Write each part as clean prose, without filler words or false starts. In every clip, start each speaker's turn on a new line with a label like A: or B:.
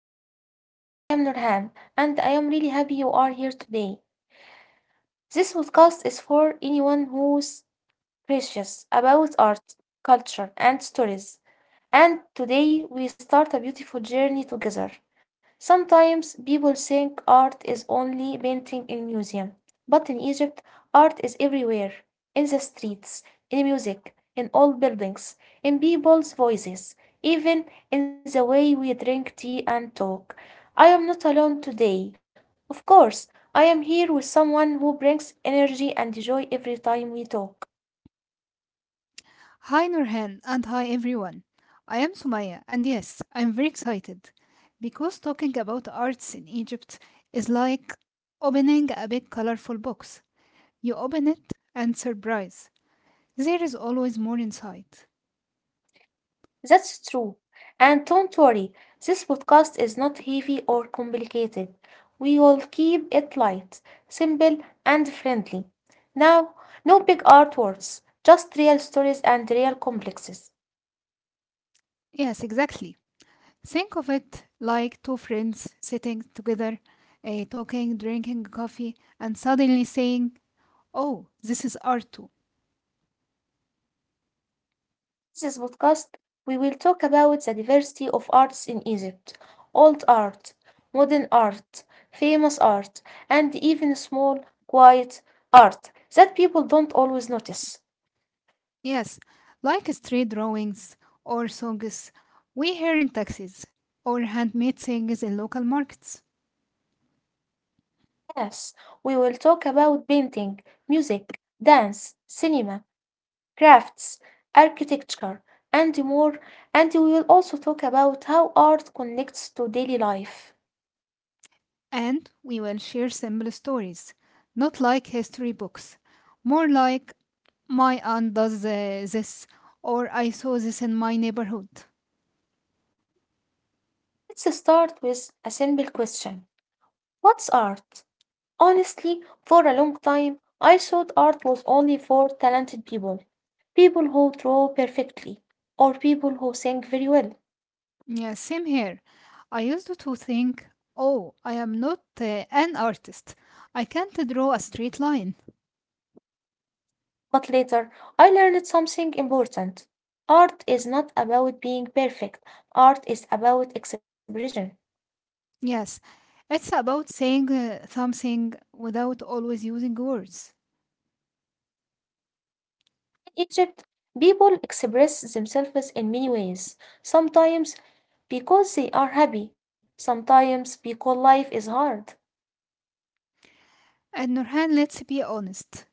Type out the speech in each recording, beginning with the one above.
A: in Egypt. I am Nurhan, and I am really happy you are here today. This podcast is for anyone who's curious about art, culture, and stories. And today we start a beautiful journey together. Sometimes people think art is only painting in museum, but in Egypt, art is everywhere, in the streets, in music, in old buildings, in people's voices, even in the way we drink tea and talk. I am not alone today. Of course, I am here with someone who brings energy and joy every time we talk.
B: Hi Nurhan and hi everyone. I am Sumaya and yes, I am very excited because talking about arts in Egypt is like opening a big colorful box. You open it and surprise, there is always more inside.
A: That's true. And don't worry, this podcast is not heavy or complicated. We will keep it light, simple, and friendly. Now, no big artworks, just real stories and real complexes.
B: Yes, exactly. Think of it like two friends sitting together, talking, drinking coffee, and suddenly saying, oh, this is art too.
A: This podcast, we will talk about the diversity of arts in Egypt old art, modern art, famous art, and even small, quiet art that people don't always notice.
B: Yes, like street drawings or songs we hear in taxis or handmade things in local markets.
A: Yes, we will talk about painting, music, dance, cinema, crafts, architecture, and more. And we will also talk about how art connects to daily life.
B: And we will share simple stories, not like history books, more like my aunt does this, or I saw this in my neighborhood.
A: Let's start with a simple question. What's art? Honestly, for a long time, I thought art was only for talented people, people who draw perfectly, or people who sing very well.
B: Yeah, same here. I used to think, oh, I am not an artist. I can't draw a straight line.
A: But later, I learned something important. Art is not about being perfect, art is about expression.
B: Yes, it's about saying something without always using words.
A: In Egypt, people express themselves in many ways. Sometimes because they are happy, sometimes because life is hard.
B: And Nurhan, let's be honest.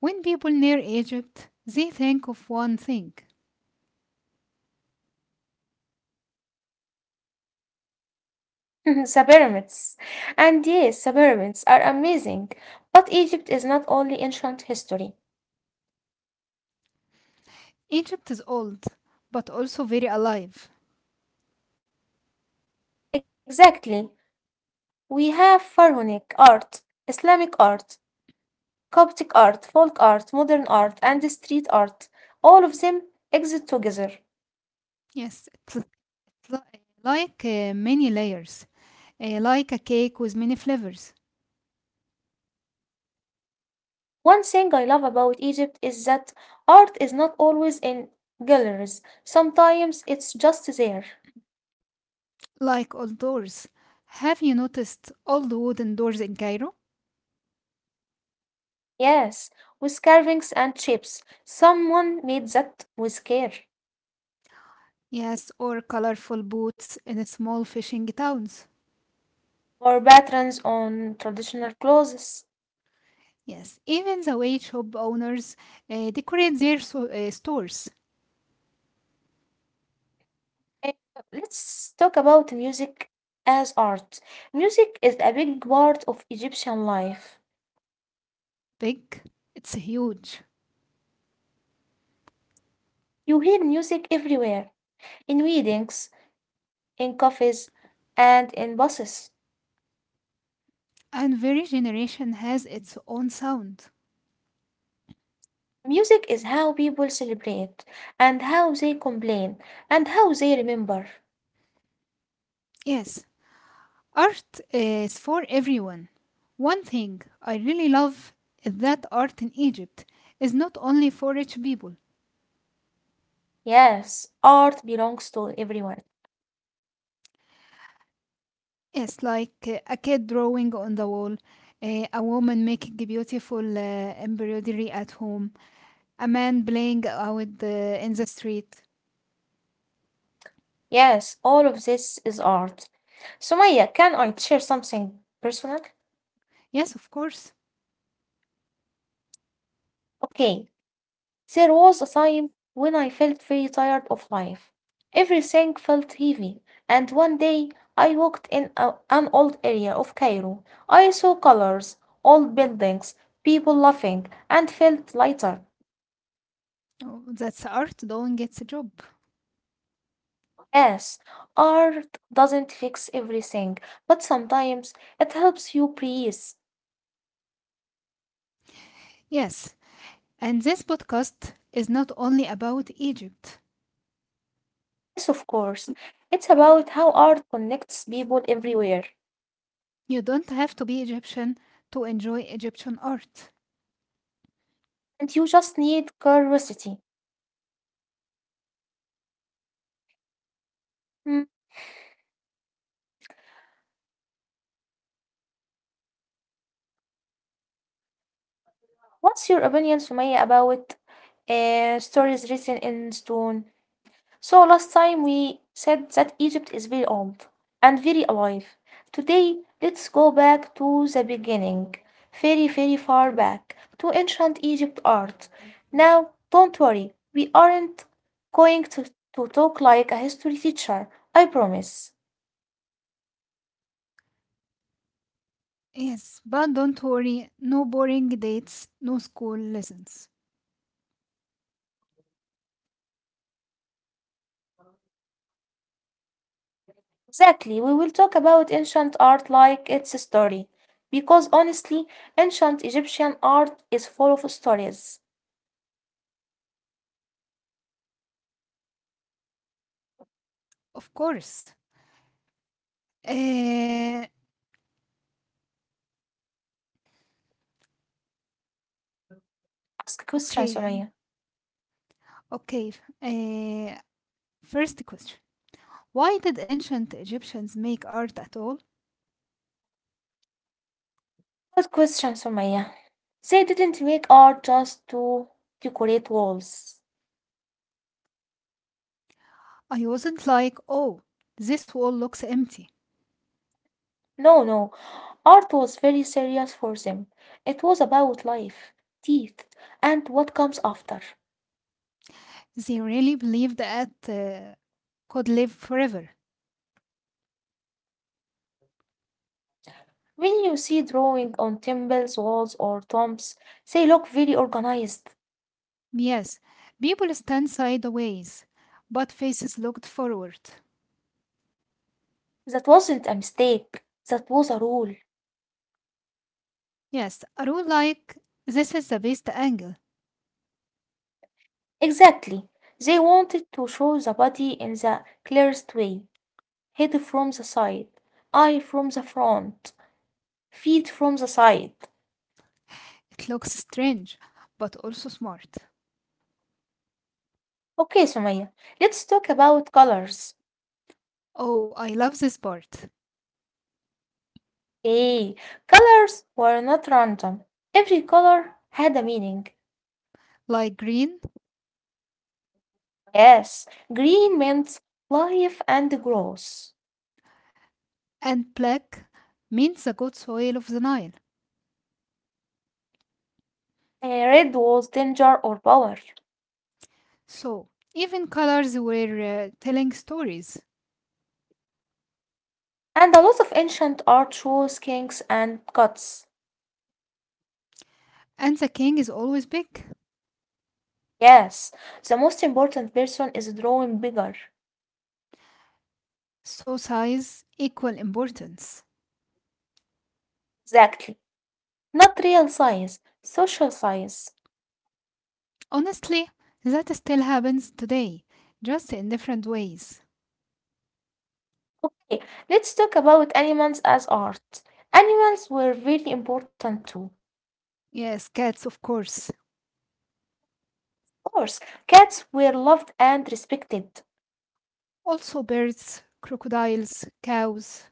B: When people near Egypt, they think of one thing.
A: The pyramids. And yes, the pyramids are amazing. But Egypt is not only ancient history.
B: Egypt is old, but also very alive.
A: Exactly. We have pharaonic art, Islamic art, Coptic art, folk art, modern art, and street art, all of them exist together.
B: Yes, it's like many layers, like a cake with many flavors,
A: One thing I love about Egypt is that art is not always in galleries, sometimes it's just there.
B: like old doors. Have you noticed old wooden doors in Cairo?
A: Yes, with carvings and shapes. Someone made that with care,
B: Yes, or colorful boats in small fishing towns.
A: or patterns on traditional clothes.
B: Yes, even the way shop owners decorate their stores.
A: Eh, Let's talk about music as art. Music is a big part of Egyptian life.
B: Big, it's huge.
A: You hear music everywhere in weddings, in coffees, and in buses.
B: And every generation has its own sound.
A: Music is how people celebrate, and how they complain, and how they remember.
B: Yes, art is for everyone. One thing I really love is that art in Egypt is not only for rich people.
A: Yes, art belongs to everyone.
B: Yes, like a kid drawing on the wall, a woman making a beautiful embroidery at home, a man playing out in the street.
A: Yes, all of this is art. Sumaya, can I share something personal?
B: Yes, of course.
A: Okay, there was a time when I felt very tired of life. Everything felt heavy, and one day I walked in an old area of Cairo. I saw colors, old buildings, people laughing, and felt lighter.
B: Oh, that's art doing its job.
A: Yes, art doesn't fix everything, but sometimes it helps you breathe.
B: Yes, and this podcast is not only about Egypt.
A: Yes, of course. It's about how art connects people everywhere,
B: You don't have to be Egyptian to enjoy Egyptian art.
A: and you just need curiosity. Hmm, What's your opinion, Sumaya, about stories written in stone. So last time we said that Egypt is very old and very alive. Today, let's go back to the beginning, very, very far back, to ancient Egypt art. Now, don't worry, we aren't going to, to talk like a history teacher, I promise.
B: Yes, but don't worry, no boring dates, no school lessons.
A: Exactly, we will talk about ancient art like it's a story. Because honestly, ancient Egyptian art is full of stories.
B: Of course. Uh,
A: Ask questions,
B: okay,
A: Sumaya.
B: okay. Uh, first question: why did ancient Egyptians make art at all?
A: Good question, Sumaya. They didn't make art just to decorate walls.
B: I wasn't like, oh, this wall looks empty.
A: No, no. Art was very serious for them. It was about life, teeth, and what comes after.
B: They really believed at could live forever.
A: When you see drawing on temples, walls, or tombs, they look very organized.
B: Yes, people stand sideways, but faces looked forward.
A: That wasn't a mistake. That was a rule.
B: Yes, I do like this is the best angle.
A: Exactly. They wanted to show the body in the clearest way. Head from the side, eye from the front, feet from the side.
B: It looks strange, but also smart.
A: Okay, Sumaya, let's talk about colors.
B: Oh, I love this part.
A: Hey, colors were not random. Every color had a meaning.
B: Like green
A: Yes, green meant life and growth.
B: and black means the good soil of the Nile.
A: Red was danger or power.
B: So, even colors were telling stories.
A: And a lot of ancient art shows kings and gods.
B: And the king is always big.
A: Yes, the most important person is drawing bigger.
B: So, size equal importance.
A: Exactly. Not real science, social science.
B: Honestly, that still happens today, just in different ways.
A: Okay, let's talk about animals as art. Animals were very important too.
B: Yes, cats, of course.
A: Of course, cats were loved and respected.
B: Also, birds, crocodiles, cows.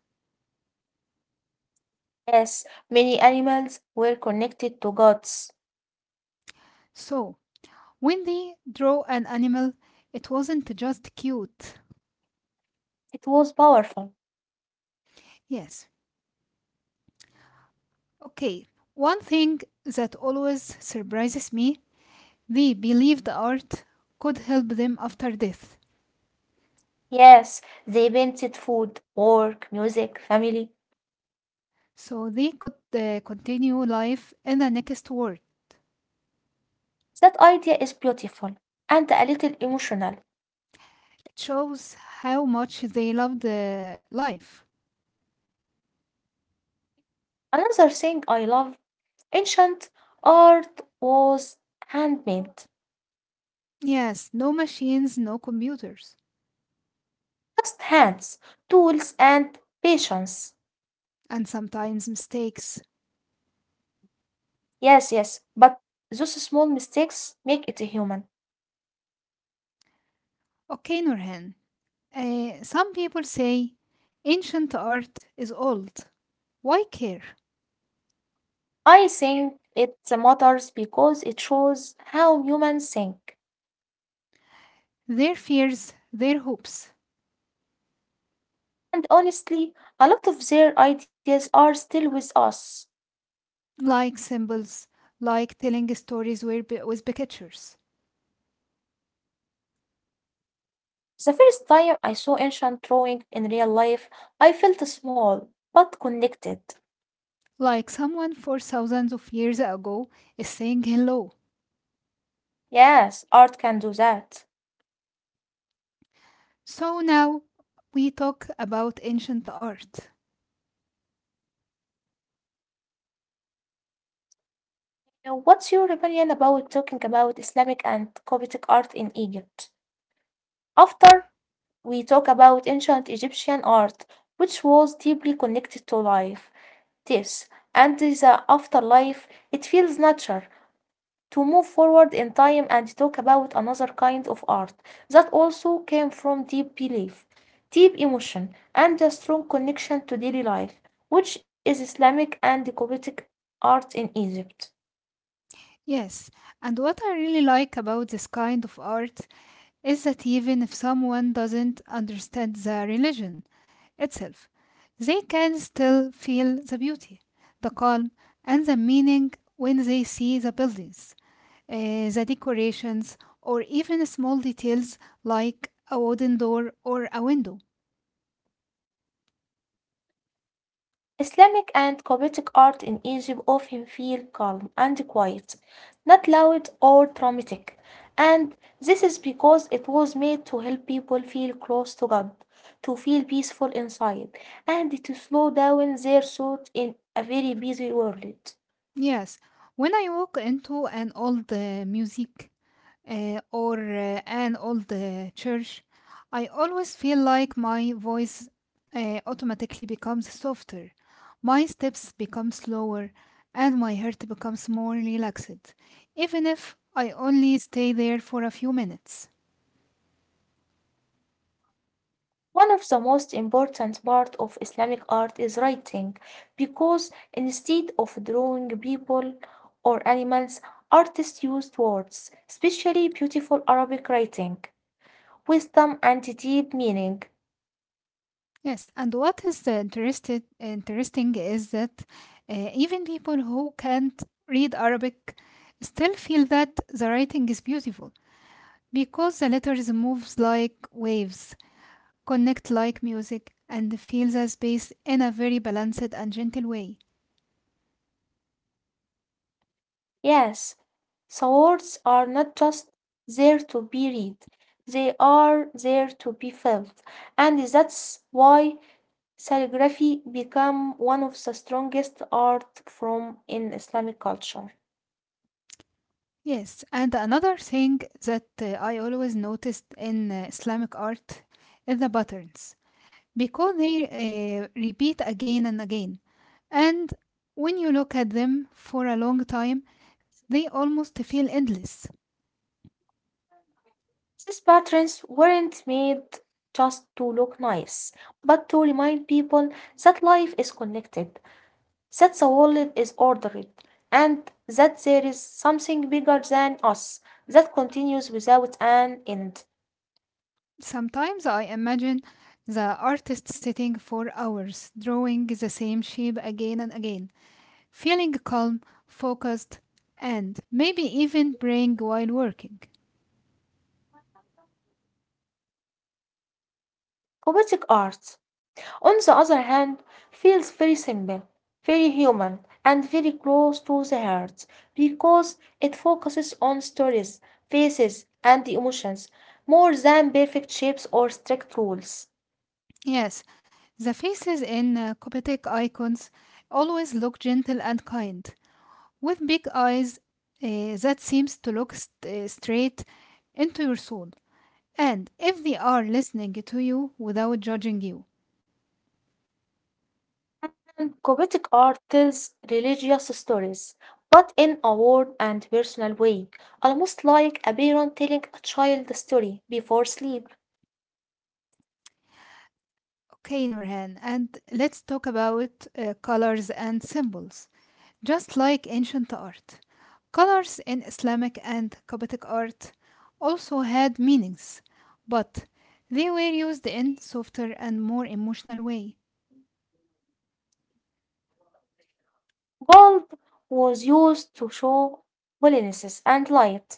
A: Yes, many animals were connected to gods.
B: So, when they draw an animal, it wasn't just cute.
A: It was powerful.
B: Yes. Okay, one thing that always surprises me: they believed art could help them after death.
A: Yes, they painted food, work, music, family.
B: So, they could continue life in the next world.
A: That idea is beautiful and a little emotional.
B: It shows how much they loved life.
A: Another thing I love ancient art was handmade.
B: Yes, no machines, no computers,
A: Just hands, tools, and patience.
B: and sometimes mistakes.
A: Yes, but those small mistakes make it human.
B: Okay, Nurhan. Some people say ancient art is old. Why care?
A: I think it matters because it shows how humans think.
B: Their fears, their hopes,
A: And honestly, a lot of their ideas are still with us.
B: like symbols, like telling stories with pictures,
A: The first time I saw ancient drawing in real life, I felt small but connected.
B: like someone for thousands of years ago is saying hello.
A: Yes, art can do that.
B: So now we talk about ancient art.
A: Now, what's your opinion about talking about Islamic and Coptic art in Egypt? After we talk about ancient Egyptian art, which was deeply connected to life, death, and the afterlife, it feels natural to move forward in time and talk about another kind of art that also came from deep belief, deep emotion, and a strong connection to daily life, which is Islamic and Coptic art in Egypt.
B: Yes, and what I really like about this kind of art is that even if someone doesn't understand the religion itself, they can still feel the beauty, the calm, and the meaning when they see the buildings, the decorations, or even small details like a wooden door or a window.
A: Islamic and Coptic art in Egypt often feel calm and quiet, not loud or dramatic, and this is because it was made to help people feel close to God, to feel peaceful inside, and to slow down their thoughts in a very busy world.
B: Yes, when I walk into an old music or an old church, I always feel like my voice automatically becomes softer, my steps become slower, and my heart becomes more relaxed, even if I only stay there for a few minutes.
A: One of the most important part of Islamic art is writing, because instead of drawing people or animals, artists used words, especially beautiful Arabic writing. Wisdom and deep meaning.
B: Yes, and what is the interesting is that even people who can't read Arabic still feel that the writing is beautiful because the letters moves like waves connect like music and feel the space in a very balanced and gentle way.
A: Yes, swords are not just there to be read, they are there to be felt. And that's why calligraphy became one of the strongest art form in Islamic culture.
B: Yes, and another thing that I always noticed in Islamic art is the patterns because they repeat again and again. And when you look at them for a long time, they almost feel endless.
A: These patterns weren't made just to look nice, but to remind people that life is connected that the world is ordered, and that there is something bigger than us that continues without an end.
B: Sometimes I imagine the artist sitting for hours drawing the same shape again and again, feeling calm, focused, and maybe even praying while working.
A: Poetic art, on the other hand, feels very simple, very human, and very close to the heart because it focuses on stories, faces, and emotions more than perfect shapes or strict rules.
B: Yes, the faces in Coptic icons always look gentle and kind, with big eyes that seems to look straight into your soul. And if they are listening to you without judging you.
A: Poetic art tells religious stories, but in a warm and personal way, almost like a parent telling a child a story before sleep.
B: Okay, Nurhan, and let's talk about colors and symbols. Just like ancient art, colors in Islamic and Coptic art also had meanings, but they were used in softer and more emotional way.
A: Gold was used to show holiness and light.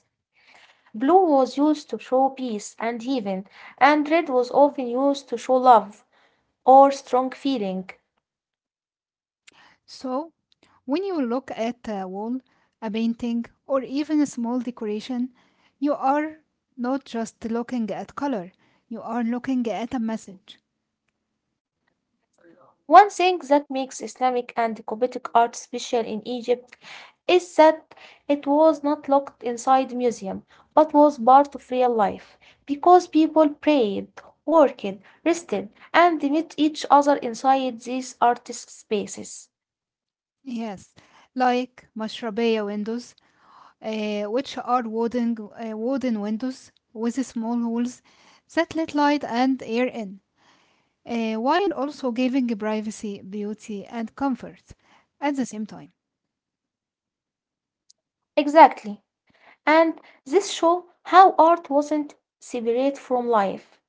A: Blue was used to show peace and heaven, and red was often used to show love or strong feeling.
B: So, when you look at a wall, a painting, or even a small decoration, you are not just looking at color, you are looking at a message.
A: One thing that makes Islamic and Coptic art special in Egypt is that it was not locked inside museum, but was part of real life, because people prayed, worked, rested, and they met each other inside these artist spaces.
B: Yes, like mashrabaya windows which are wooden windows with small holes that let light and air in, while also giving privacy, beauty, and comfort at the same time.
A: Exactly. And this show how art wasn't separate from life,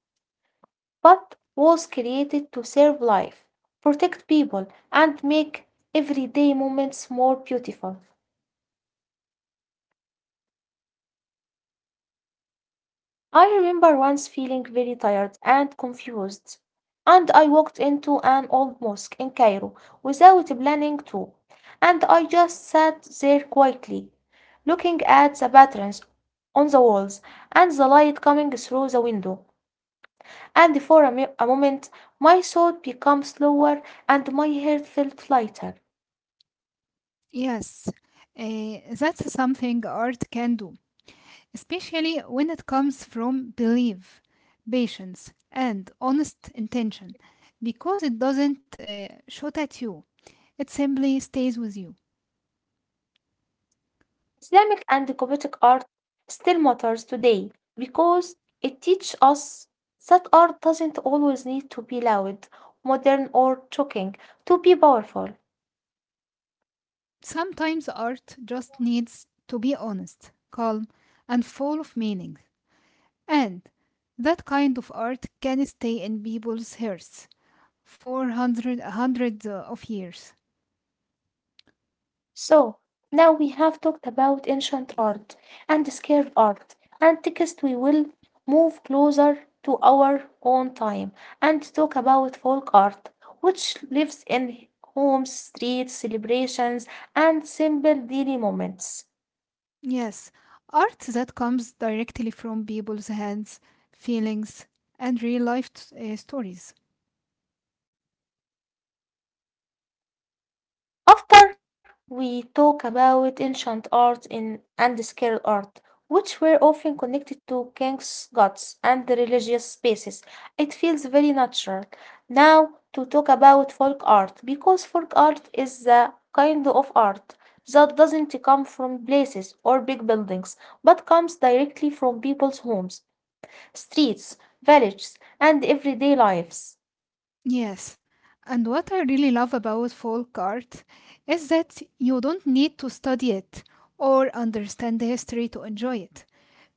A: but was created to serve life, protect people, and make everyday moments more beautiful. I remember once feeling very tired and confused, and I walked into an old mosque in Cairo without planning to, and I just sat there quietly, looking at the patterns on the walls and the light coming through the window. And for a, a moment, my thought became slower and my head felt lighter.
B: Yes, that's something art can do, especially when it comes from belief, patience, and honest intention, because it doesn't shoot at you, it simply stays with you.
A: Islamic and Gothic art still matters today because it teaches us that art doesn't always need to be loud, modern, or shocking to be powerful.
B: Sometimes art just needs to be honest, calm, and full of meaning. And that kind of art can stay in people's hearts for hundreds of years.
A: So, now we have talked about ancient art and scared art, and next we will move closer to our own time and talk about folk art, which lives in homes, streets, celebrations, and simple daily moments.
B: Yes, art that comes directly from people's hands, feelings, and real life stories.
A: After we talk about ancient and sacred art, which were often connected to kings, gods, and the religious spaces, it feels very natural now to talk about folk art because folk art is the kind of art that doesn't come from places or big buildings but comes directly from people's homes, streets, villages, and everyday lives.
B: Yes, and what I really love about folk art is that you don't need to study it or understand the history to enjoy it,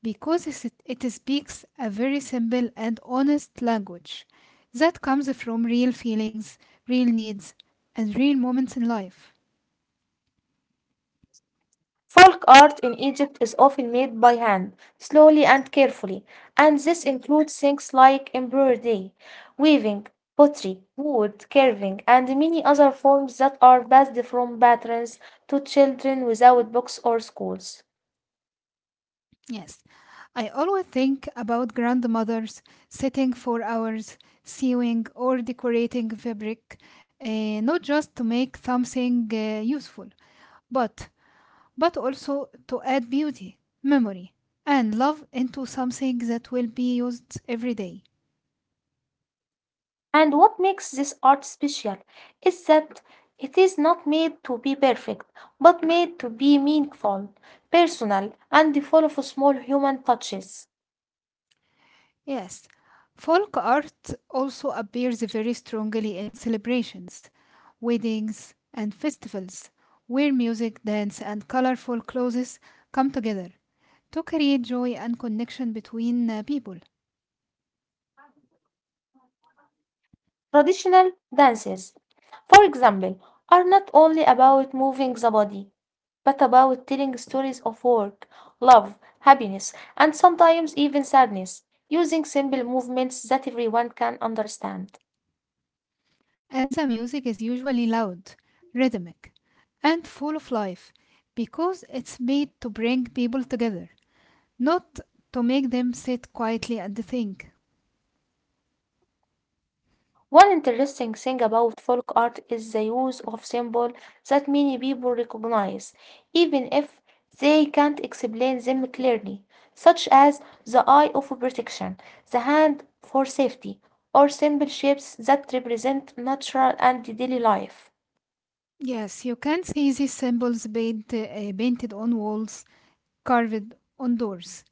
B: because it speaks a very simple and honest language that comes from real feelings, real needs, and real moments in life.
A: Folk art in Egypt is often made by hand, slowly and carefully, and this includes things like embroidery, weaving, pottery, wood carving, and many other forms that are passed from patrons to children without books or schools.
B: Yes, I always think about grandmothers sitting for hours sewing or decorating fabric, not just to make something useful, but but also to add beauty, memory, and love into something that will be used every day.
A: And what makes this art special is that it is not made to be perfect, but made to be meaningful, personal, and full of small human touches.
B: Yes, folk art also appears very strongly in celebrations, weddings, and festivals, where music, dance, and colorful clothes come together to create joy and connection between people.
A: Traditional dances, for example, are not only about moving the body, but about telling stories of work, love, happiness, and sometimes even sadness, using simple movements that everyone can understand.
B: And the music is usually loud, rhythmic, and full of life because it's made to bring people together, not to make them sit quietly and think.
A: One interesting thing about folk art is the use of symbols that many people recognize, even if they can't explain them clearly, such as the eye of protection, the hand for safety, or simple shapes that represent natural and daily life.
B: Yes, you can see these symbols painted on walls, carved on doors,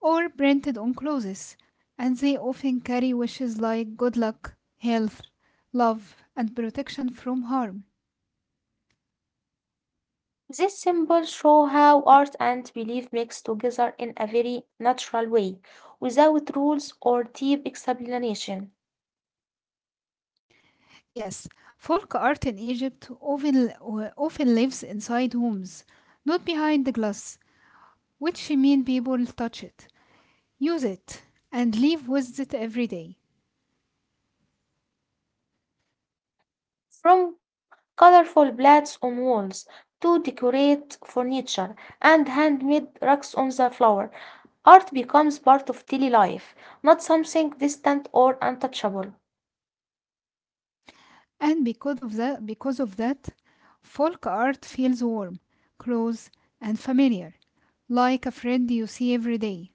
B: or printed on clothes, and they often carry wishes like good luck, health, love, and protection from harm.
A: These symbols show how art and belief mix together in a very natural way, without rules or deep explanation.
B: Yes, folk art in Egypt often lives inside homes, not behind the glass, which mean people touch it, use it, and live with it every day.
A: From colorful plants on walls to decorate furniture and handmade rugs on the floor. Art becomes part of daily life, not something distant or untouchable.
B: And because of that, folk art feels warm, close, and familiar, like a friend you see every day.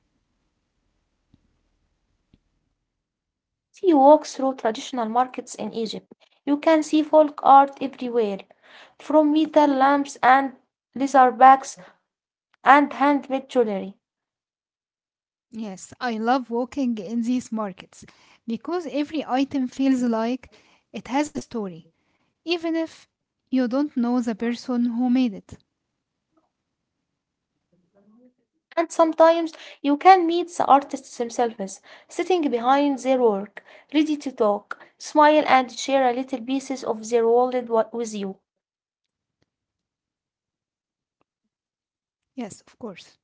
A: If you walk through traditional markets in Egypt, you can see folk art everywhere, from metal lamps and leather bags and handmade jewelry.
B: Yes, I love walking in these markets because every item feels like it has a story, even if you don't know the person who made it.
A: And sometimes you can meet the artists themselves, sitting behind their work, ready to talk, smile, and share a little pieces of their world with you.
B: Yes, of course.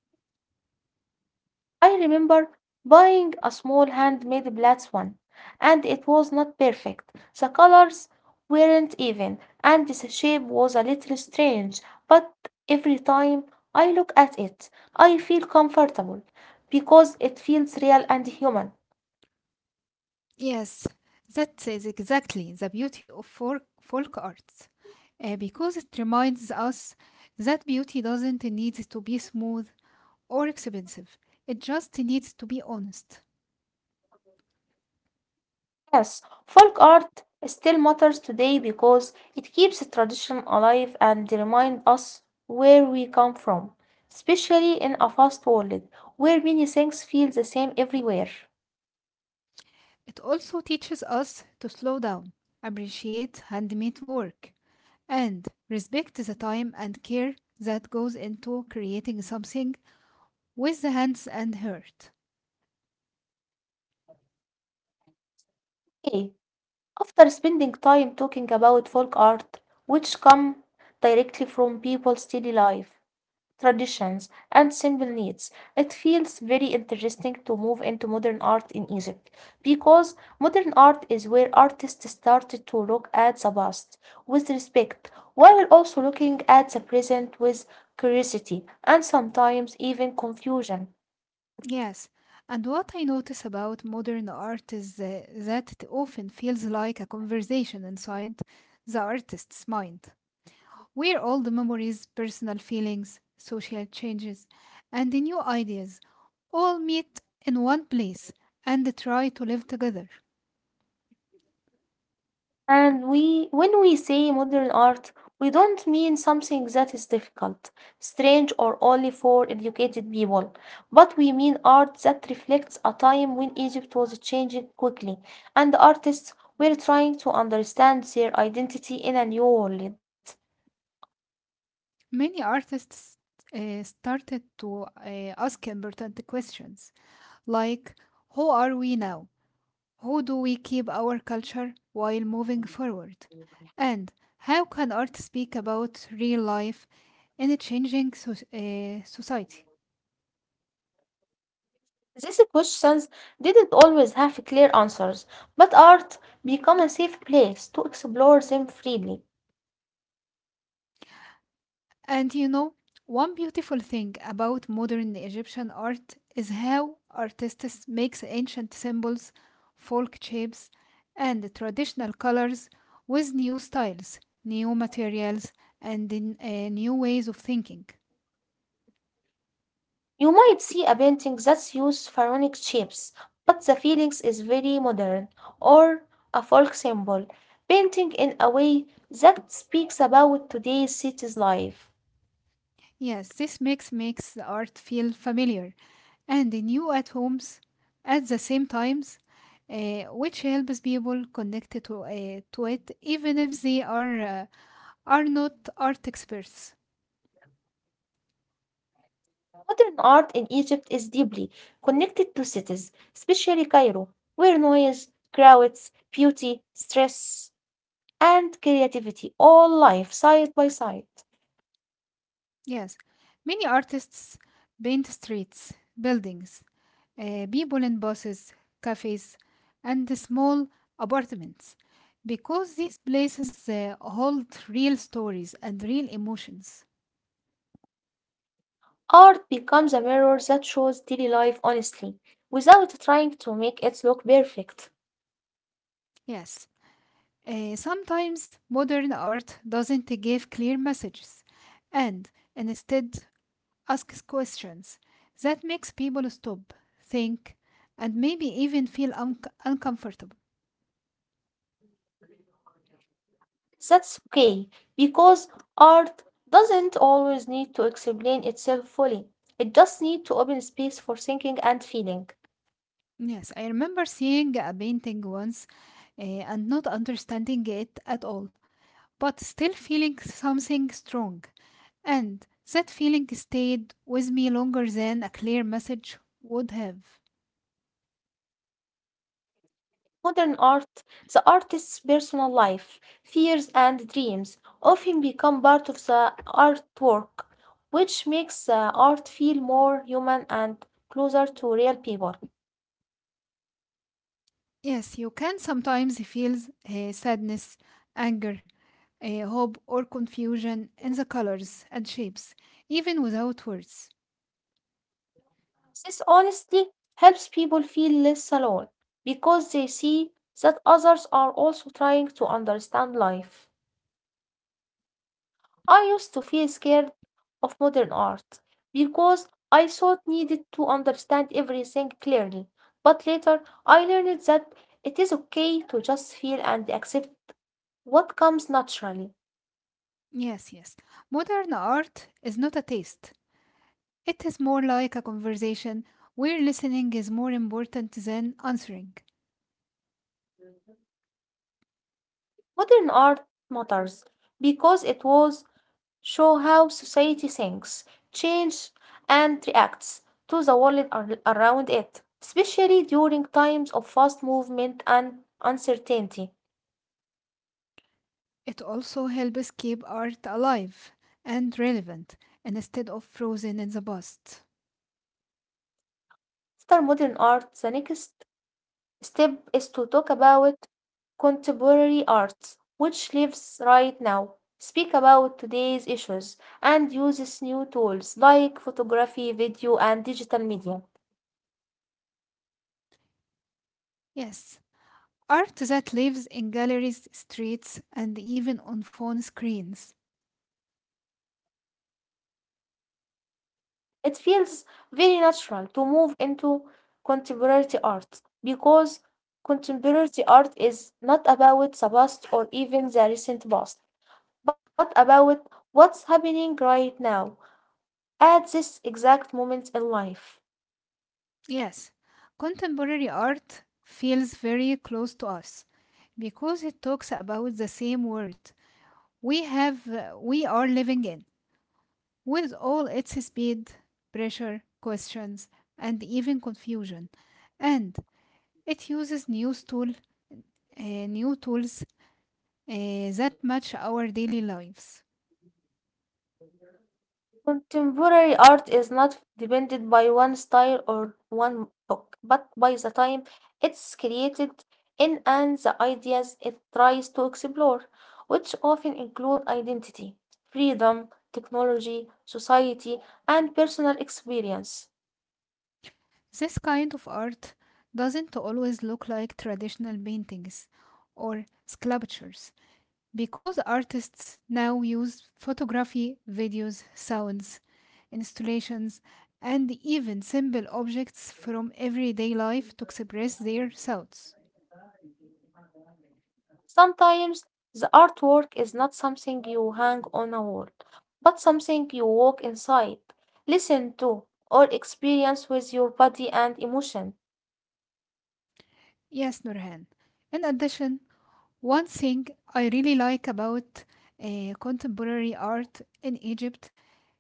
A: I remember buying a small handmade plats one, and it was not perfect. The colors weren't even, and the shape was a little strange, but every time I look at it, I feel comfortable because it feels real and human.
B: Yes, that is exactly the beauty of folk arts, because it reminds us that beauty doesn't need to be smooth or expensive. It just needs to be honest.
A: Yes, folk art still matters today because it keeps the tradition alive and reminds us where we come from, especially in a fast world where many things feel the same everywhere.
B: It also teaches us to slow down, appreciate handmade work, and respect the time and care that goes into creating something with the hands and heart.
A: Okay, after spending time talking about folk art, which come directly from people's daily life, traditions, and simple needs, it feels very interesting to move into modern art in Egypt because modern art is where artists started to look at the past with respect while also looking at the present with curiosity and sometimes even confusion.
B: Yes, and what I notice about modern art is that it often feels like a conversation inside the artist's mind, where all the memories, personal feelings, social changes, and the new ideas all meet in one place and try to live together.
A: When we say modern art, we don't mean something that is difficult, strange, or only for educated people, but we mean art that reflects a time when Egypt was changing quickly, and artists were trying to understand their identity in a new world.
B: Many artists started to ask important questions like: who are we now? How do we keep our culture while moving forward? And how can art speak about real life in a changing society?
A: These questions didn't always have clear answers, but art became a safe place to explore them freely.
B: And you know, one beautiful thing about modern Egyptian art is how artists makes ancient symbols, folk shapes, and traditional colors with new styles, new materials, and new ways of thinking.
A: You might see a painting that uses pharaonic shapes, but the feelings is very modern, or a folk symbol, painting in a way that speaks about today's city's life.
B: Yes, this mix makes the art feel familiar and new at homes at the same times, which helps people connect to it even if are not art experts.
A: Modern art in Egypt is deeply connected to cities, especially Cairo, where noise, crowds, beauty, stress, and creativity all live side by side.
B: Yes, many artists paint streets, buildings, people in buses, cafes, and the small apartments because these places hold real stories and real emotions.
A: Art becomes a mirror that shows daily life honestly, without trying to make it look perfect.
B: Yes, sometimes modern art doesn't give clear messages and instead asks questions that makes people stop, think, and maybe even feel uncomfortable.
A: That's okay, because art doesn't always need to explain itself fully. It just needs to open space for thinking and feeling.
B: Yes, I remember seeing a painting once and not understanding it at all, but still feeling something strong. And that feeling stayed with me longer than a clear message would have.
A: Modern art, the artist's personal life, fears, and dreams often become part of the artwork, which makes the art feel more human and closer to real people.
B: Yes, you can sometimes feel sadness, anger, hope, or confusion in the colors and shapes, even without words.
A: This honestly helps people feel less alone because they see that others are also trying to understand life. I used to feel scared of modern art because I thought needed to understand everything clearly. But later I learned that it is okay to just feel and accept what comes naturally.
B: Yes, yes. Modern art is not a taste. It is more like a conversation where listening is more important than answering.
A: Modern art matters because it was show how society thinks, changes, and reacts to the world around it, especially during times of fast movement and uncertainty.
B: It also helps keep art alive and relevant instead of frozen in the past.
A: After modern art, the next step is to talk about contemporary arts, which lives right now. Speak about today's issues and uses new tools like photography, video, and digital media.
B: Yes, art that lives in galleries, streets, and even on phone screens.
A: It feels very natural to move into contemporary art because contemporary art is not about the past or even the recent past, but about what's happening right now at this exact moment in life.
B: Yes, contemporary art feels very close to us because it talks about the same world we have we are living in with all its speed, pressure, questions, and even confusion. And it uses new tools that match our daily lives.
A: Contemporary art is not depended by one style or one book, but by the time it's created in and the ideas it tries to explore, which often include identity, freedom, technology, society, and personal experience.
B: This kind of art doesn't always look like traditional paintings or sculptures because artists now use photography, videos, sounds, installations, and even simple objects from everyday life to express their thoughts.
A: Sometimes the artwork is not something you hang on a wall, but something you walk inside, listen to, or experience with your body and emotion.
B: Yes, Nurhan. In addition, one thing I really like about contemporary art in Egypt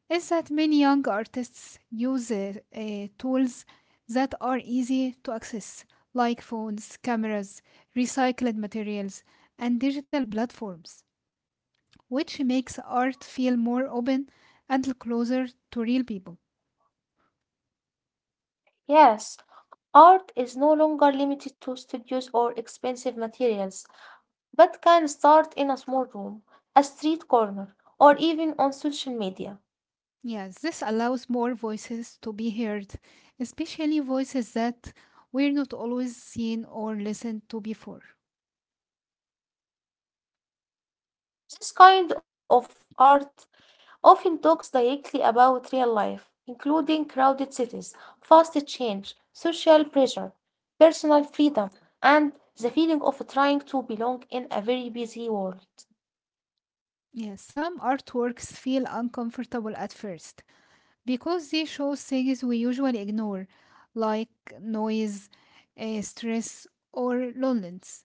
B: is that many young artists use tools that are easy to access, like phones, cameras, recycled materials, and digital platforms, which makes art feel more open and closer to real people.
A: Yes, art is no longer limited to studios or expensive materials, but can start in a small room, a street corner, or even on social media.
B: Yes, this allows more voices to be heard, especially voices that were not always seen or listened to before.
A: This kind of art often talks directly about real life, including crowded cities, fast change, social pressure, personal freedom, and the feeling of trying to belong in a very busy world.
B: Yes, some artworks feel uncomfortable at first because they show things we usually ignore, like noise, stress, or loneliness.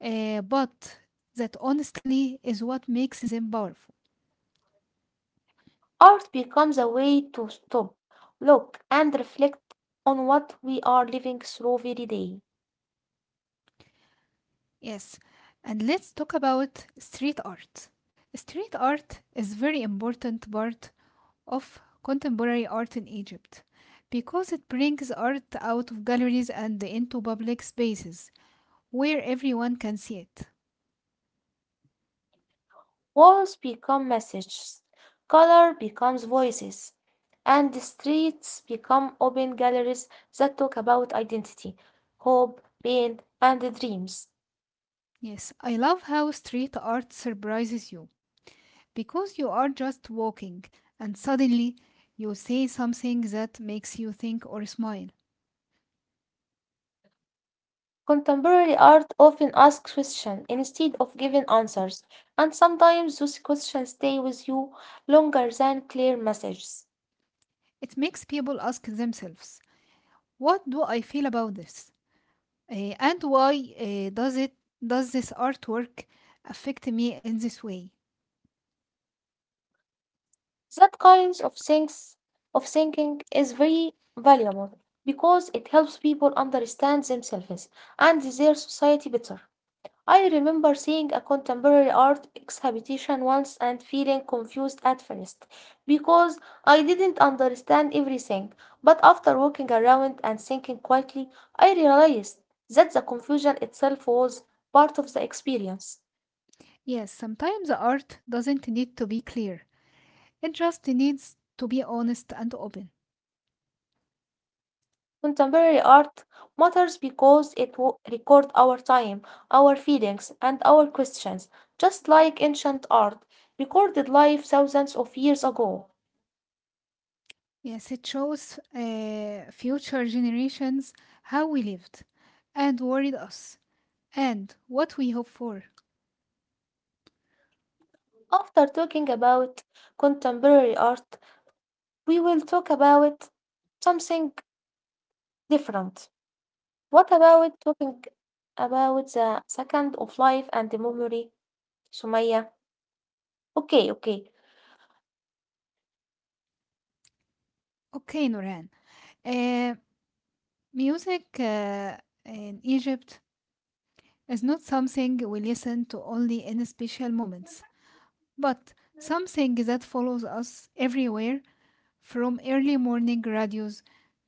B: But that honestly is what makes them powerful.
A: Art becomes a way to stop, look, and reflect on what we are living through every day.
B: Yes, and let's talk about street art. Street art is very important part of contemporary art in Egypt because it brings art out of galleries and into public spaces where everyone can see it.
A: Walls become messages, color becomes voices, and the streets become open galleries that talk about identity, hope, pain, and dreams.
B: Yes, I love how street art surprises you because you are just walking and suddenly you say something that makes you think or smile.
A: Contemporary art often asks questions instead of giving answers, and sometimes those questions stay with you longer than clear messages.
B: It makes people ask themselves, what do I feel about this? And why uh, does it does this artwork affect me in this way?
A: That kinds of things of thinking is very valuable because it helps people understand themselves and their society better. I remember seeing a contemporary art exhibition once and feeling confused at first because I didn't understand everything. But after walking around and thinking quietly, I realized that the confusion itself was part of the experience.
B: Yes, sometimes art doesn't need to be clear. It just needs to be honest and open.
A: Contemporary art matters because it records our time, our feelings, and our questions, just like ancient art recorded life thousands of years ago.
B: Yes, it shows future generations how we lived and worried us and what we hope for.
A: After talking about contemporary art, we will talk about something different. What about talking about the second of life and the memory, Sumaya? Okay, okay.
B: Okay, Noran. Uh, music in Egypt is not something we listen to only in special moments. But something that follows us everywhere from early morning radios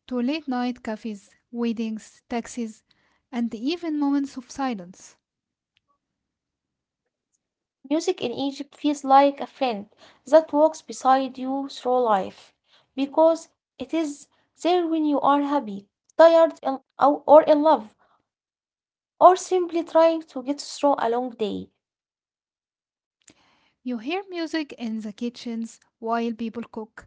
B: to late night cafes, weddings, taxis, and even moments of silence.
A: Music in Egypt feels like a friend that walks beside you through life because it is there when you are happy, tired, or in love, or simply trying to get through a long day.
B: You hear music in the kitchens while people cook,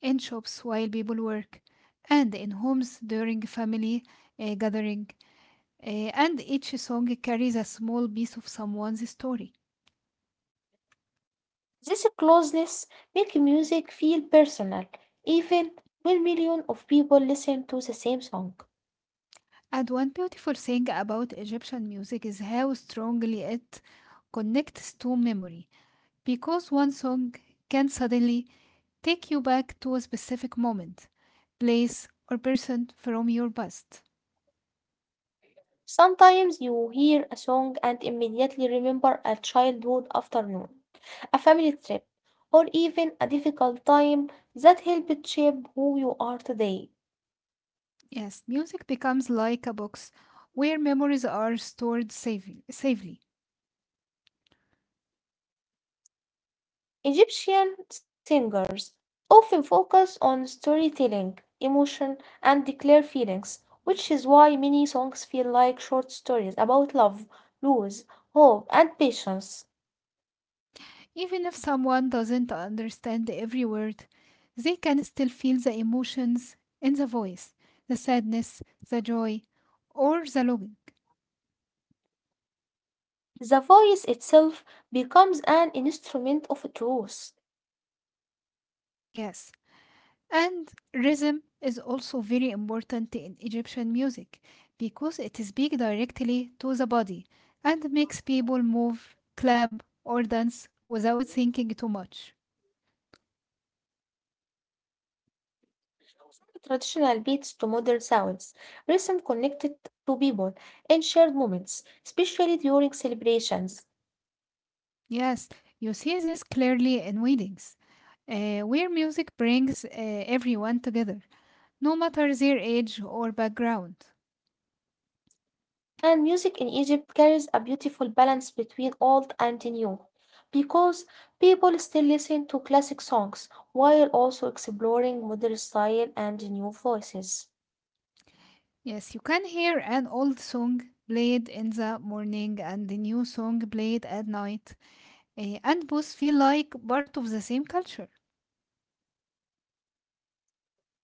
B: in shops while people work, and in homes during family gathering. And each song carries a small piece of someone's story.
A: This closeness makes music feel personal, even when millions of people listen to the same song.
B: And one beautiful thing about Egyptian music is how strongly it connects to memory, because one song can suddenly take you back to a specific moment, place, or person from your past.
A: Sometimes you hear a song and immediately remember a childhood afternoon, a family trip, or even a difficult time that helped shape who you are today.
B: Yes, music becomes like a box where memories are stored safely.
A: Egyptian singers often focus on storytelling, emotion, and declare feelings, which is why many songs feel like short stories about love, loss, hope, and patience.
B: Even if someone doesn't understand every word, they can still feel the emotions in the voice the sadness, the joy, or the longing.
A: The voice itself becomes an instrument of truth.
B: Yes. And rhythm is also very important in Egyptian music because it is speaks directly to the body and makes people move, clap, or dance without thinking too much.
A: From traditional beats to modern sounds, rhythm connected to people and shared moments, especially during celebrations.
B: Yes, you see this clearly in weddings, where music brings everyone together, no matter their age or background.
A: And music in Egypt carries a beautiful balance between old and new, because people still listen to classic songs while also exploring modern style and new voices.
B: Yes, you can hear an old song played in the morning and a new song played at night, and both feel like part of the same culture.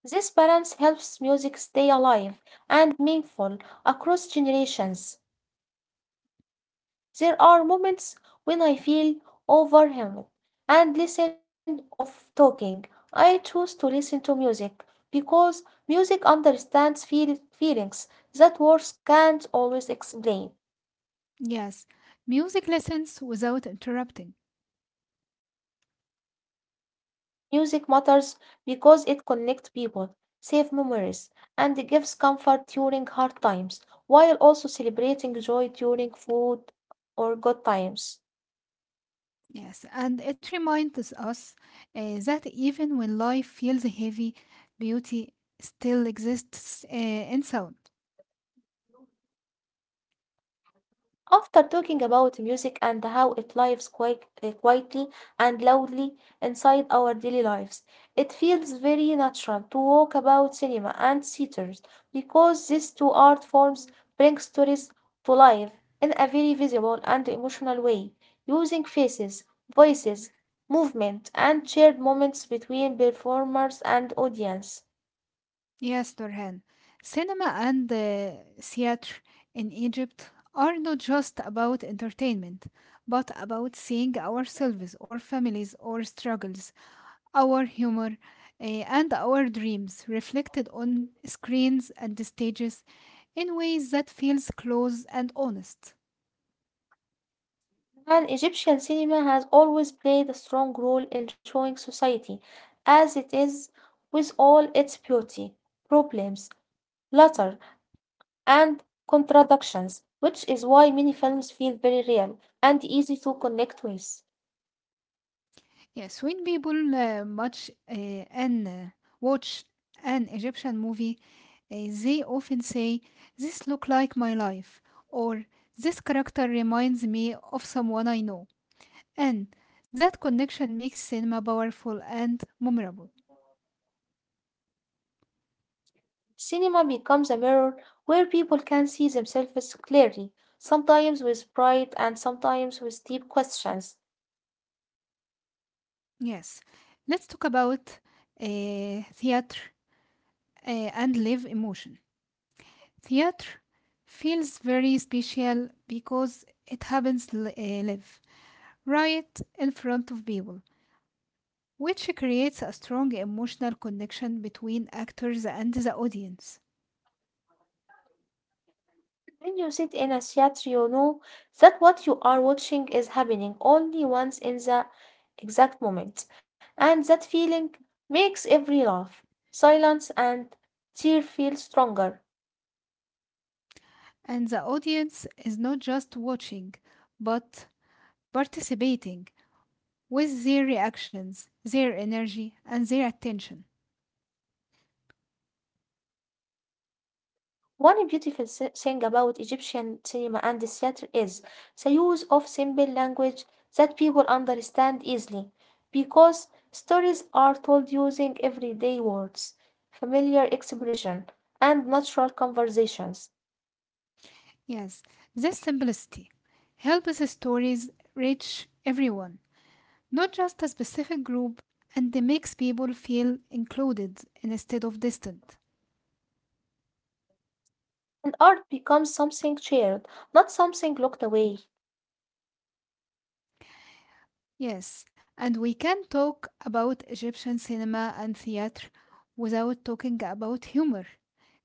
A: This balance helps music stay alive and meaningful across generations. There are moments when I feel overwhelmed and listen of talking. I choose to listen to music because music understands feelings that words can't always explain.
B: Yes, music lessens without interrupting.
A: Music matters because it connects people, saves memories, and gives comfort during hard times, while also celebrating joy during food or good times.
B: Yes, and it reminds us that even when life feels heavy, beauty still exists in sound.
A: After talking about music and how it lives quietly and loudly inside our daily lives, it feels very natural to talk about cinema and theaters because these two art forms bring stories to life in a very visible and emotional way, using faces, voices, movement, and shared moments between performers and audience.
B: Yes, Nurhan. Cinema and theater in Egypt are not just about entertainment, but about seeing ourselves, our families, our struggles, our humor, and our dreams reflected on screens and stages in ways that feels close and honest.
A: And Egyptian cinema has always played a strong role in showing society as it is with all its beauty, problems, laughter, and contradictions, which is why many films feel very real and easy to connect with.
B: Yes, when people watch an Egyptian movie, uh, they often say, "This look like my life," or "This character reminds me of someone I know," and that connection makes cinema powerful and memorable.
A: Cinema becomes a mirror where people can see themselves clearly, sometimes with pride and sometimes with deep questions.
B: Yes, let's talk about theater and live emotion. Theater feels very special because it happens live right in front of people, which creates a strong emotional connection between actors and the audience.
A: When you sit in a theater, you know that what you are watching is happening only once in the exact moment, and that feeling makes every laugh, silence, and tear feel stronger.
B: And the audience is not just watching, but participating with their reactions, their energy, and their attention.
A: One beautiful thing about Egyptian cinema and the theater is the use of simple language that people understand easily, because stories are told using everyday words, familiar expression, and natural conversations.
B: Yes, this simplicity helps the stories reach everyone, not just a specific group, and makes people feel included instead of distant.
A: And art becomes something shared, not something locked away.
B: Yes, and we can talk about Egyptian cinema and theater without talking about humor,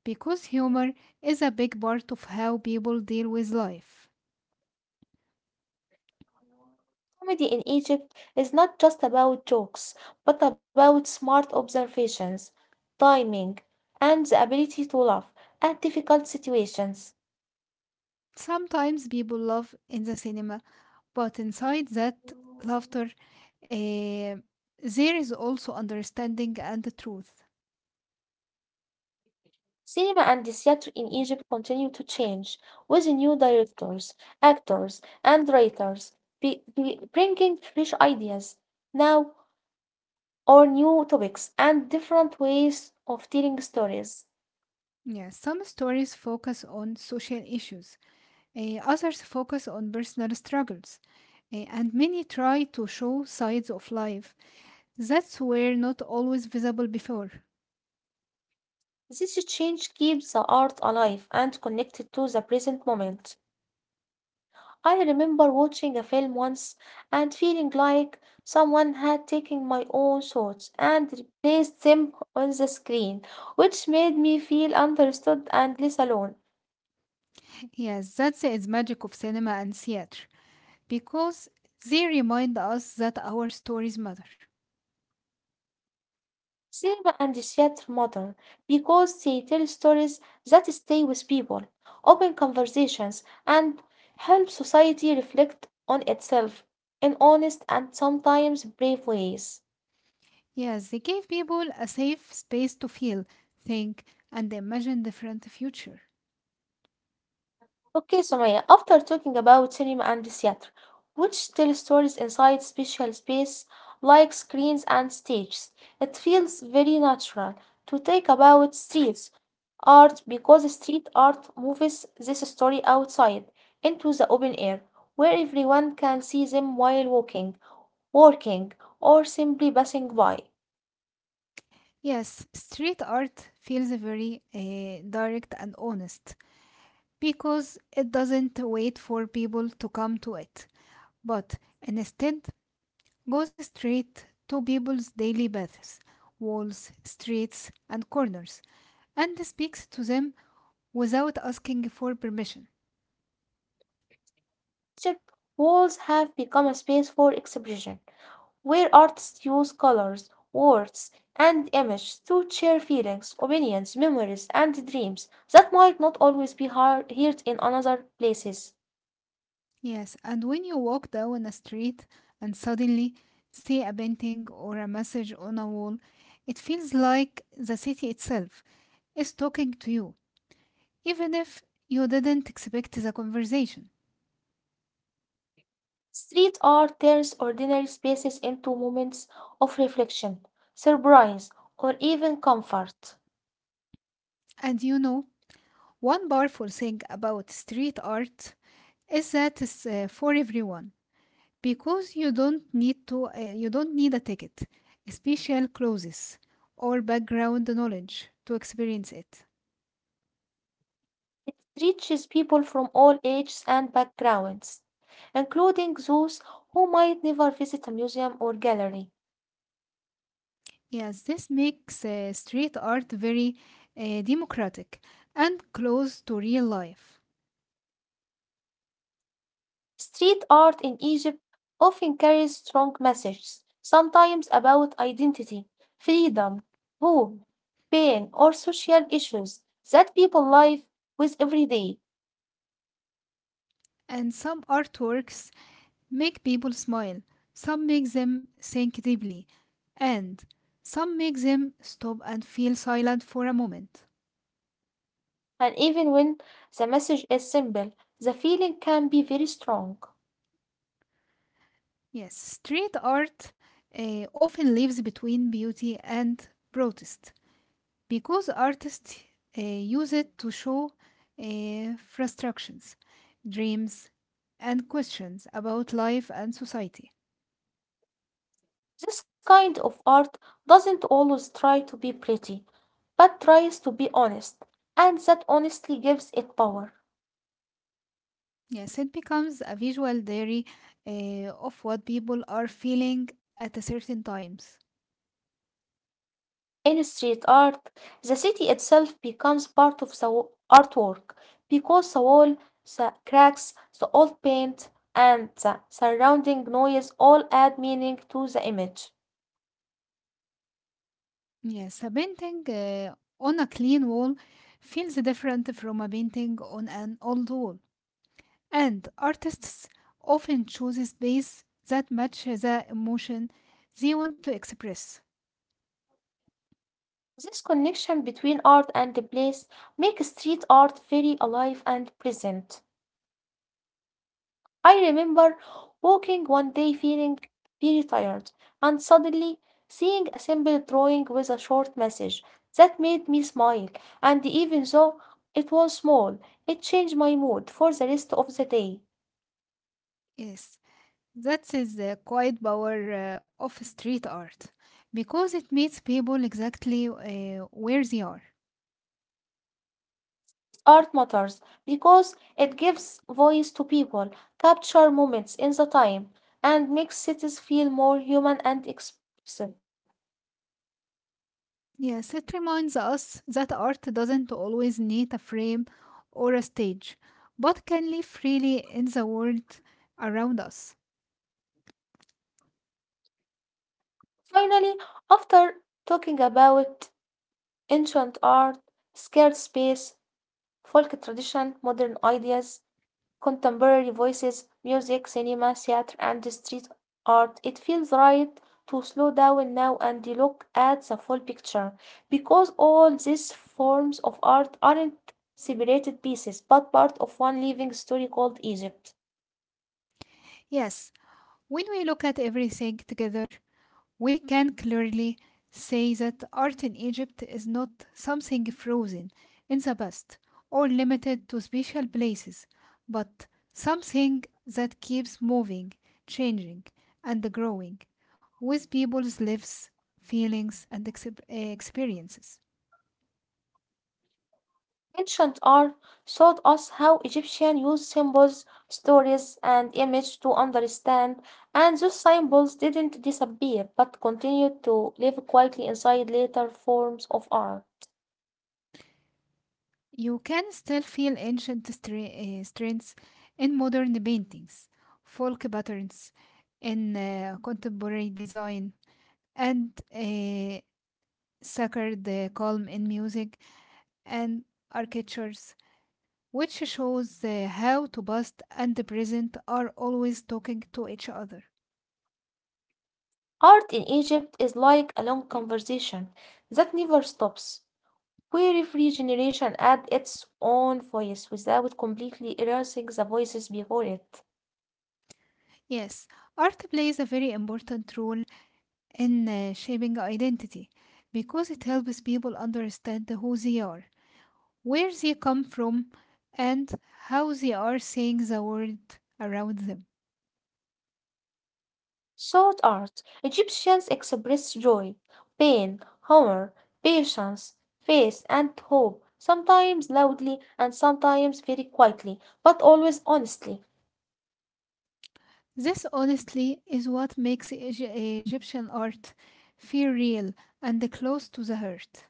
B: because humor is a big part of how people deal with life.
A: Comedy in Egypt is not just about jokes, but about smart observations, timing, and the ability to laugh at difficult situations.
B: Sometimes people laugh in the cinema, but inside that laughter, eh, there is also understanding and the truth.
A: Cinema and the theater in Egypt continue to change with new directors, actors, and writers, bringing fresh ideas now or new topics and different ways of telling stories.
B: Yes, some stories focus on social issues, others focus on personal struggles. And many try to show sides of life that's were not always visible before.
A: This change keeps the art alive and connected to the present moment. I remember watching a film once and feeling like someone had taken my own thoughts and replaced them on the screen, which made me feel understood and less alone.
B: Yes, that's its magic of cinema and theater because they remind us that our stories matter.
A: Cinema and theater matter because they tell stories that stay with people, open conversations, and help society reflect on itself in honest and sometimes brave ways.
B: Yes, they gave people a safe space to feel, think, and imagine different future.
A: Okay, Sumaya, after talking about cinema and theater, which tell stories inside special space like screens and stages, it feels very natural to talk about streets art because street art moves this story outside into the open air where everyone can see them while walking, working, or simply passing by.
B: Yes, street art feels very direct and honest because it doesn't wait for people to come to it, but instead goes straight to people's daily paths, walls, streets, and corners, and speaks to them without asking for permission.
A: Egypt walls have become a space for expression where artists use colors, words, and images to share feelings, opinions, memories, and dreams that might not always be heard in another places.
B: Yes, and when you walk down a street and suddenly see a painting or a message on a wall, it feels like the city itself is talking to you, even if you didn't expect the conversation.
A: Street art turns ordinary spaces into moments of reflection, surprise, or even comfort.
B: And you know, one powerful thing about street art is that it's for everyone, because you don't need a ticket, special clothes, or background knowledge to experience it.
A: It reaches people from all ages and backgrounds, including those who might never visit a museum or gallery.
B: Yes, this makes street art very democratic and close to real life.
A: Street art in Egypt often carries strong messages, sometimes about identity, freedom, hope, pain, or social issues that people live with every day.
B: And some artworks make people smile, some make them think deeply, and some make them stop and feel silent for a moment.
A: And even when the message is simple, the feeling can be very strong.
B: Yes, street art often lives between beauty and protest because artists use it to show frustrations, dreams, and questions about life and society.
A: This kind of art doesn't always try to be pretty, but tries to be honest, and that honestly gives it power.
B: Yes, it becomes a visual diary of what people are feeling at a certain times.
A: In street art, the city itself becomes part of the artwork because the wall, the cracks, the old paint, and the surrounding noise all add meaning to the image.
B: Yes, a painting on a clean wall feels different from a painting on an old wall, and artists often choose space that matches the emotion they want to express.
A: This connection between art and the place makes street art very alive and present. I remember walking one day feeling very tired and suddenly seeing a simple drawing with a short message that made me smile, and even though it was small, it changed my mood for the rest of the day.
B: Yes, that is the quiet power of street art because it meets people exactly where they are.
A: Art matters because it gives voice to people, capture moments in the time, and makes cities feel more human and expressive.
B: Yes, it reminds us that art doesn't always need a frame or a stage, but can live freely in the world around us.
A: Finally, after talking about ancient art, scared space, folk tradition, modern ideas, contemporary voices, music, cinema, theater, and street art. It feels right to slow down now and look at the full picture because all these forms of art aren't separated pieces but part of one living story called Egypt.
B: Yes, when we look at everything together, we can clearly say that art in Egypt is not something frozen in the past or limited to special places, but something that keeps moving, changing, and growing with people's lives, feelings, and experiences.
A: Ancient art showed us how Egyptians used symbols, stories, and images to understand, and those symbols didn't disappear but continued to live quietly inside later forms of art.
B: You can still feel ancient strengths in modern paintings, folk patterns in contemporary design, and suckered the calm in music and architectures, which shows how to past and the present are always talking to each other.
A: Art in Egypt is like a long conversation that never stops, where every generation adds its own voice without completely erasing the voices before it.
B: Yes, art plays a very important role in shaping identity because it helps people understand who they are, where they come from, and how they are seeing the world around them.
A: Sword art. Egyptians express joy, pain, humor, patience, faith, and hope, sometimes loudly and sometimes very quietly, but always honestly.
B: This honestly is what makes Egyptian art feel real and close to the heart.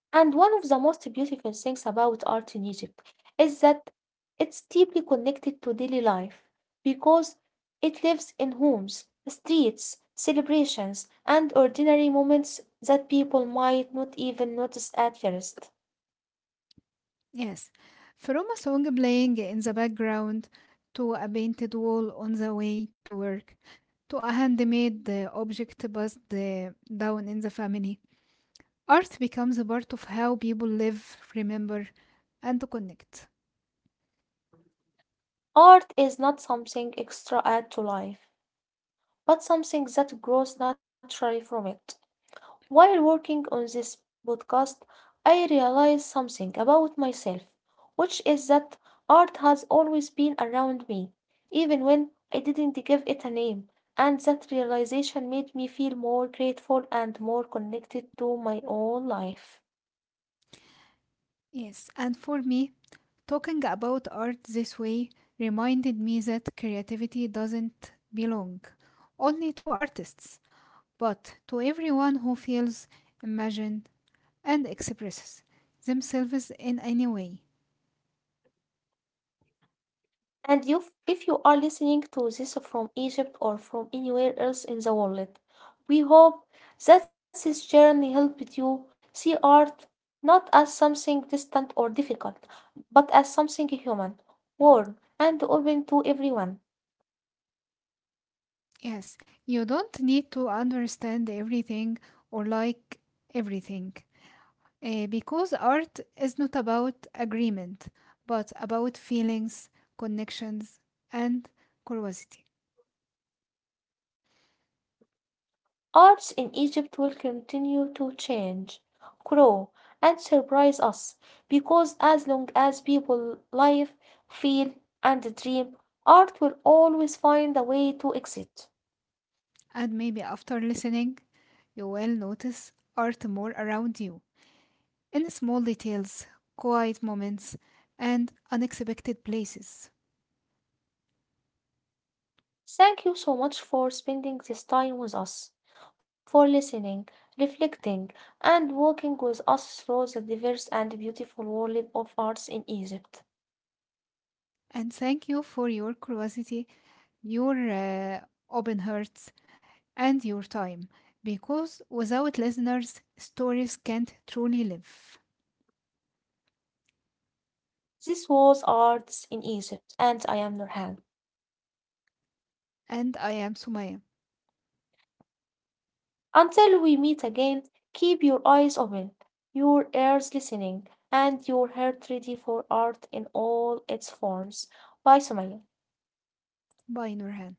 A: And one of the most beautiful things about art in Egypt is that it's deeply connected to daily life because it lives in homes, streets, celebrations, and ordinary moments that people might not even notice at first.
B: Yes, from a song playing in the background to a painted wall on the way to work to a handmade object passed down in the family, art becomes a part of how people live, remember, and connect.
A: Art is not something extra add to life, but something that grows naturally from it. While working on this podcast, I realized something about myself, which is that art has always been around me, even when I didn't give it a name, and that realization made me feel more grateful and more connected to my own life.
B: Yes, and for me, talking about art this way reminded me that creativity doesn't belong only to artists, but to everyone who feels, imagines, and expresses themselves in any way.
A: And you, if you are listening to this from Egypt or from anywhere else in the world, we hope that this journey helped you see art not as something distant or difficult, but as something human, warm, and open to everyone.
B: Yes, you don't need to understand everything or like everything because art is not about agreement but about feelings, connections, and curiosity.
A: Arts in Egypt will continue to change, grow, and surprise us because as long as people live, feel, and dream, art will always find a way to exist.
B: And maybe after listening, you will notice art more around you in small details, quiet moments, and unexpected places.
A: Thank you so much for spending this time with us, for listening, reflecting, and walking with us through the diverse and beautiful world of arts in Egypt.
B: And thank you for your curiosity, your open hearts, and your time, because without listeners, stories can't truly live.
A: This was Arts in Egypt, and I am Nurhan.
B: And I am Sumaya.
A: Until we meet again, keep your eyes open, your ears listening, and your heart ready for art in all its forms. Bye, Sumaya.
B: Bye, Nurhan.